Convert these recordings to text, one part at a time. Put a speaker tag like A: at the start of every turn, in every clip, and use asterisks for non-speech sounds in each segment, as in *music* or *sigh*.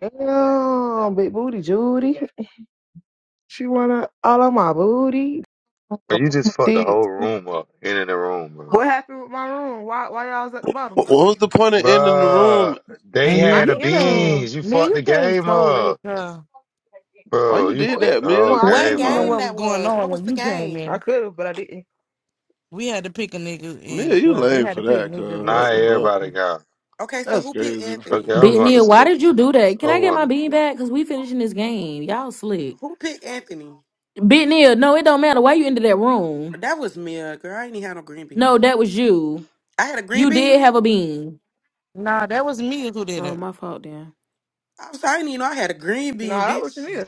A: Damn, big booty Judy. She wanna all of my booty.
B: But
A: My
B: you just
A: mama
B: fucked the
A: Thick
B: whole
A: too.
B: room up. In the room, bro.
A: Happy with my room. Why why y'all was at the bottom?
C: What what was the point of ending the
B: Bro,
C: room?
B: they
D: And here
A: I
B: had the
D: you
A: ain't in the
D: came,
A: room.
B: beans. You
D: man,
B: fucked
D: you
B: the
D: came
B: game
D: so late,
B: up.
D: girl.
C: Why
B: Bro,
C: you
B: you
A: Who
C: did
A: in
B: fucked
C: that,
B: the
A: the room?
B: whole
C: Mia?
A: I
D: You
E: What
D: didn't
A: ain't
B: game
A: in
D: even
A: it
D: know
B: up.
A: though.
E: game
D: what was
E: that
D: going
E: was? What
D: on
E: was
D: when
E: the
D: you came
E: game?
A: I
D: in.
A: could have, but I didn't.
D: We had to pick a nigga
C: Mia,
D: and
C: you
D: well, they
C: lame
D: had to
C: for
D: pick
C: that,
D: niggas
C: cuz.
D: and
B: Now
C: What the
D: sent them
C: fuck?
B: everybody
D: to.
B: got.
E: Okay, so
C: That's
E: who picked
C: crazy, bro.
B: Okay,
E: Anthony?
B: I'm
F: Big
B: going to
F: Neil, why
B: sleep.
F: did you do that? Can
B: I'm
F: I get
B: going
F: my
B: to
F: bean
B: sleep.
F: back? Cause we finishing this game. Y'all slick.
E: Who picked Anthony?
F: Big Neil, no, it don't matter. Why you into that room?
E: That was me, uh, girl. I ain't even had no green bean.
F: No, that was you.
E: I had a green
F: You
E: bean.
F: did have a bean.
D: Nah, that was me who did
F: Oh,
D: it.
F: my fault then.
E: I'm sorry, I didn't even know I had a green
A: No,
E: bean,
A: that was
E: bitch.
A: Chanel.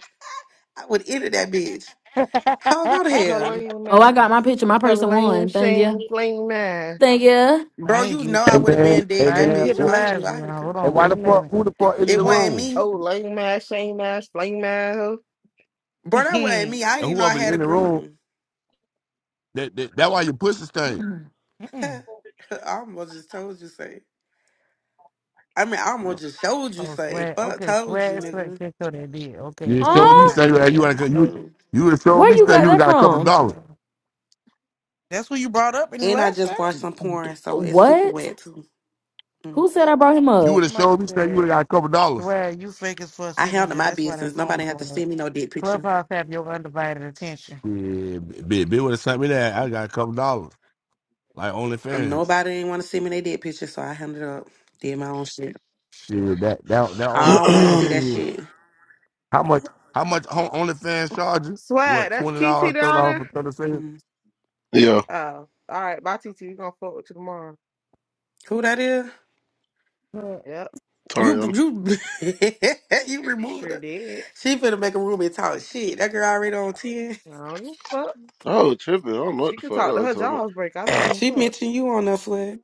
E: I would have ended that bitch.
D: *laughs*
E: How go to
A: Her
E: hell,
A: lame
F: Oh, I got my
A: ass.
F: picture. My
A: Her
F: person
A: lame
F: won. Thank
A: shame
F: you.
A: flame ass.
F: Thank you.
E: bro?
D: I ain't
E: You
D: get
E: know
D: it.
E: I
G: Hey
E: would have
G: man,
E: been dead
D: I
E: that
D: ain't
G: Amen.
E: bitch
D: get the
E: if
G: Amen.
E: I had
D: last
E: knew I
D: one.
E: had a
D: Hold
E: green.
G: And
D: on,
G: why
D: wait a
G: the fuck?
D: minute.
G: Who the fuck in
E: It
G: the
E: wasn't
G: room?
E: me,
A: Oh, lame ass, shame ass, flame ass. hoe.
E: bro. That wasn't
D: *laughs*
E: me. I didn't
G: And
E: even know I
G: whoever in
E: had a
G: the room,
E: green.
G: that that, that why your pussy stink.
F: mm
E: *laughs* I
D: Mm-mm.
E: almost just told you say. I mean, I almost just showed you
D: oh,
E: say.
D: swag.
E: Fuck,
D: Okay,
E: told you,
D: swag, swag,
E: nigga.
D: catch what they did. Okay,
G: You done
D: cool, we
G: showed me
F: Huh?
D: got it.
G: something. You
E: Yeah.
G: would have you
D: Noted.
E: mm.
G: you would have showed
F: Where
G: me
F: you
G: something.
F: got
G: You would
D: Noted.
F: that
G: have got a couple of
D: Okay,
F: from?
G: dollars.
D: cool. That's what you brought up in the
E: And I
D: last
E: just
D: shot?
E: watched some porn, so it's super
F: What?
E: wet too. Mm.
F: Who said I brought him
G: You
F: up?
G: would have
D: Somebody
G: showed me something. You
D: said.
G: would have got a couple of dollars.
D: Swear, you fake as fuck
E: I
D: sitting on
E: handled
D: here.
E: my
D: That's why that
E: business.
D: phone
E: Nobody had to
D: doing that.
E: send me no dick picture.
D: Clubhouse have your undivided attention.
G: Yeah, bitch, bitch would have sent me that. I got a couple of dollars, like OnlyFans.
E: Nobody didn't want to send me their dick picture, so I handled up. Did my own shit.
G: Shit, that that that
E: I don't want to
G: OnlyFans
E: see that
C: *clears throat*
G: shit.
E: shit.
G: How much? How much on- OnlyFans charge you?
A: Swag,
G: What
A: that's
G: twenty
A: TT
G: dollars, thirty
A: down
G: dollars
A: there.
G: for thirty seconds?
E: Mm.
C: yeah,
A: Oh, all right, bye TT. We gonna fuck with you tomorrow.
E: Who that is?
D: Hmm.
A: Yep,
E: You
C: Tariana.
E: you *laughs* you removed
A: sure
E: her.
A: did.
E: She finna make a room and talk shit. That girl already on ten.
A: I don't give a fuck.
C: I was tripping. I don't know what
A: She
C: the
A: could
C: fuck I
A: talk to
C: was
A: her
C: talking about.
A: jaws break. I don't give a
E: She
A: fuck.
E: mentioned you on that flag.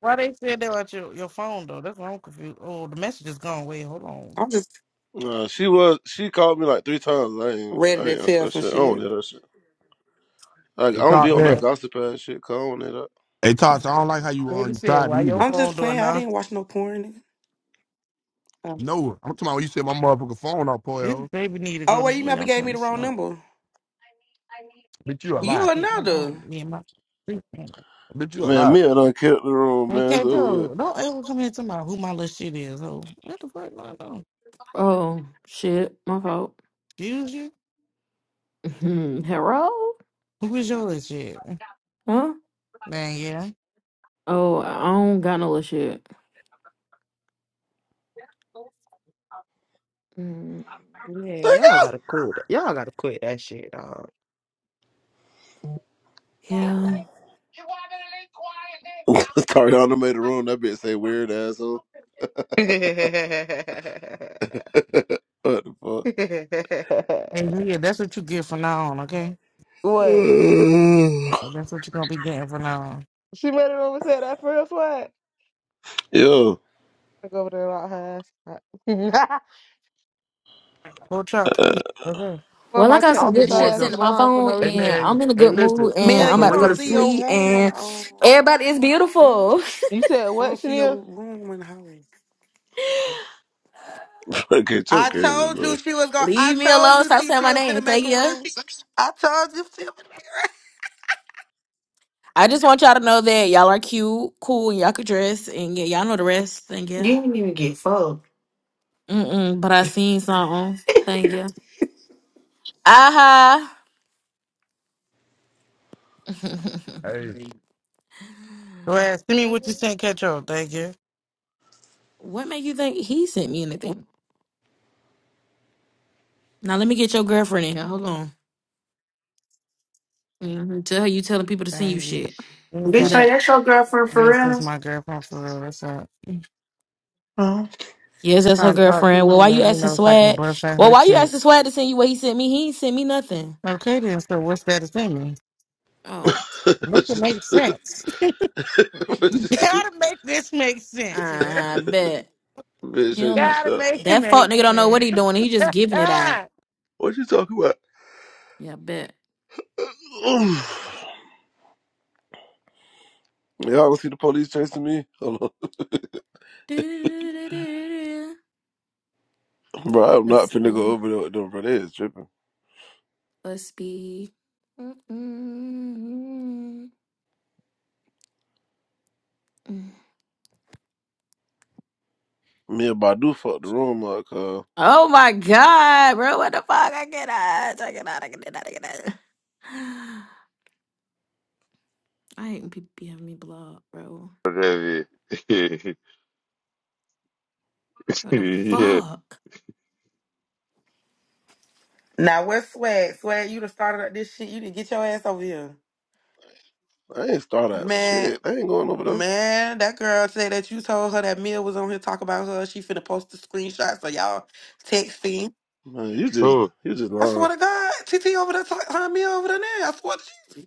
D: Why they said that about your, your phone though? That's why I'm confused. Oh, the message is gone. Wait, hold on.
E: I'm just
C: Nah, she was. She called me like three times. I ain't, I
E: ready to
C: ain't answer
E: tell
C: that
E: some
C: shit. I don't
E: shit.
C: hear that shit. Like, I
G: They
C: don't be
G: talk
C: on that
G: that.
C: gossip ass shit. Cause I don't hear that.
G: They talk. I don't like how you on.
D: Baby
G: you
D: said,
G: tried to
D: why your
G: either.
E: I'm
D: phone
E: just
D: doing
E: playing. I
D: now?
E: didn't
D: *laughs*
E: watch no porn. nigga. Oh,
G: No, I'm talking about when you said my motherfucking phone off,
D: This
G: Poyo.
D: baby need to
E: oh
D: go to
E: well, you
D: sleep.
E: never
D: I'm
E: gave me
D: trying
E: the
D: to
E: wrong
D: smoke.
E: number.
G: Bitch, you a
D: Oh
G: lie.
E: You
D: shit, hold
E: another.
D: on. Me and my *laughs* sleep.
G: Bitch, you a
C: Man,
G: lie.
C: Mia done killed the room,
D: And
C: man.
D: K
C: So over with.
D: Joe, don't ever come here to my who my little shit is. Oh, what the fuck going on?
F: Oh shit, my fault.
D: Excuse you?
F: *laughs* Mhm. Hello?
D: Who is your little shit?
F: Huh?
D: Man, yeah.
F: Oh, I don't got no little shit. Mm,
A: Yeah,
C: *laughs*
A: y'all gotta quit it. Y'all gotta quit that shit, dog.
F: Yeah.
C: Tariana made the room. That bitch say weird asshole. *laughs* what the
D: Hey Mia, that's what you get from now on, okay?
A: *laughs* what?
C: fuck?
D: That's what you're gonna be getting from now on.
A: She made it over and said that first what?
C: *sighs* Yo.
A: I go over there about her ass. *laughs*
D: Go try, please. Okay.
A: well,
F: Well, I
A: my
F: got
G: I'll
A: checks,
F: some
G: be
A: this
F: good
A: her
F: shit
G: doing
A: ass
F: sent
A: be
G: some.
F: to my
A: lying for no
F: phone,
G: Hey
F: and
A: reason.
F: I'm
G: man,
F: in a
G: hey
F: good
G: listen,
F: mood, and
E: Mel,
G: on
F: I'm
E: you
G: some
F: about to go
E: don't
G: real
F: to
E: see
G: shit.
E: your
F: sleep,
E: room on
F: and
E: the um,
F: everybody is
E: you don't-
F: beautiful.
A: You said
E: I
A: what,
E: don't see your
A: Chanel?
E: room in the house.
C: Okay, it's
E: I
C: okay,
E: told
C: bro.
E: you she was
F: *laughs*
E: going. to I
F: Leave me
E: told
F: alone.
E: you
F: Stop saying my
E: TTL
F: name.
E: finna
F: Thank
E: make a
F: you.
E: room. I told you. She-
F: I just want y'all to know that y'all are cute, cool, and y'all can dress, and yeah, y'all know the rest. Thank
H: You
F: you.
H: didn't even get fucked.
F: Mm-mm, but I seen something. Thank you. Aha.
G: Hey,
F: *laughs*
D: Go ahead. Send me what you sent, Ketchup. Thank you.
F: what made you think he sent me anything? Now let me get your girlfriend in here. Hold on. hmm Tell her you telling people to send you
D: Thank you.
F: shit.
D: You
F: Do
D: got
H: Bitch,
D: it.
H: like
F: that.
H: that's your girlfriend
D: I
H: for
D: that's
H: real?
D: my girlfriend for real. What's up?
H: Huh?
F: Yes, that's her
D: Trying to talk to
F: girlfriend. Well,
D: you.
F: why you
D: Let me
F: asking
D: know if I can
F: Swag?
D: bust out
F: Well,
D: her
F: why you
D: shit.
F: asking Swag to send you what he sent me? He ain't sent me nothing.
D: Okay, then. So, what's that to me?
F: Oh,
C: *laughs*
D: Make it make sense. *laughs* Gotta make this make sense here.
F: I bet
C: Bitch,
F: he
D: *laughs*
F: don't
C: change
F: know.
C: this
D: Gotta
C: stuff.
D: make it
F: That fuck
D: make
F: nigga don't know what
D: sense.
F: he doing. He just giving it
D: *laughs*
F: out.
C: What you talking about?
F: Yeah, I bet.
C: *sighs* Y'all gonna see the police chasing me? Hold on.
F: *laughs*
C: *laughs* Bro, I'm not
F: Let's
C: finna go
F: see.
C: over there with them, bro. They is tripping.
F: Let's be.
C: Me and Badu fucked the room up, cuz.
F: Oh my god, bro! What the fuck? I get out. I get out. I get out. I get out. *sighs* I hate when people be having me blocked, bro.
B: Whatever. *laughs*
F: What the
B: yeah.
F: fuck?
E: now where's swag? Swag, you done started up this shit. You didn't get your ass over here,
C: I ain't start out
E: man.
C: shit. I ain't going over there.
E: Man, that girl said that you told her that Mel was on here talk about her. She finna post the screenshot so y'all texting.
C: Man, you just,
B: Cool.
C: you just
E: I swear
C: lying.
E: to God, TT over there, talk, her and Mel over there. Now. I swear to you.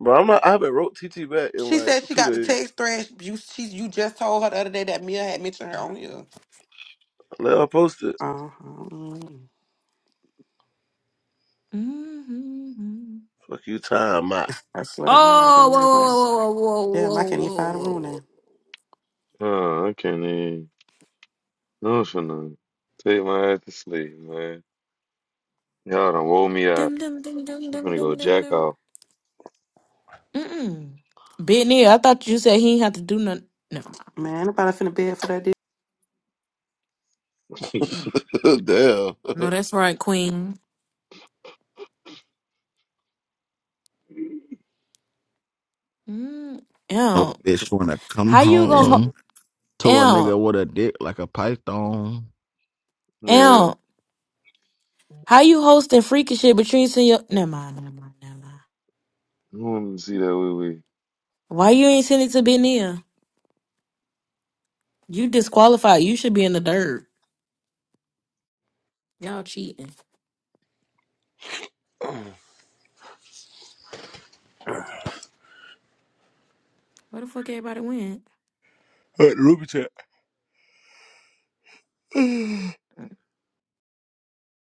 C: Bro, I'm not, I haven't wrote TT back in
E: She
C: like
E: said she
C: two
E: got the
C: days.
E: text thread. You she you just told her the other day that Mia had mentioned her on here.
C: Let her post it.
E: Uh huh.
F: Mhm.
C: Fuck you, time out.
E: I swear to God, I
F: Oh,
E: can
F: whoa,
E: hear something.
F: whoa, whoa, whoa,
E: Damn, I
F: whoa,
E: can't even
F: whoa,
E: find a
F: whoa,
E: room
F: whoa.
E: now.
B: Oh, nah, I can't even. No, for no. Take my ass to sleep, man. Y'all done woke me up.
F: Dum, dum, dum, dum,
B: I'm
F: dum,
B: gonna go
F: dum, dum,
B: jack
F: dum.
B: off.
F: Mm-mm. Benny, I thought you said he ain't have to do nothing. No,
E: Man, anybody finna bed for that
B: *laughs* yeah.
F: Mm.
C: *laughs* Damn. *laughs*
F: no,
C: All
F: that's right, Queen. Mm.
I: know
F: Ew.
I: a bitch wanna come
F: How you gonna
I: home to a
F: ho-
I: nigga with a dick like a python.
F: ew,
B: I
F: ew. How you hosting freaky shit, but you ain't send your never mind, never mind, never mind.
B: want to see that wee wee.
F: Why you ain't send it to Benny? You disqualified. You should be in the dirt. Y'all cheating. Where the fuck everybody went?
C: right, the Ruby chat. *sighs*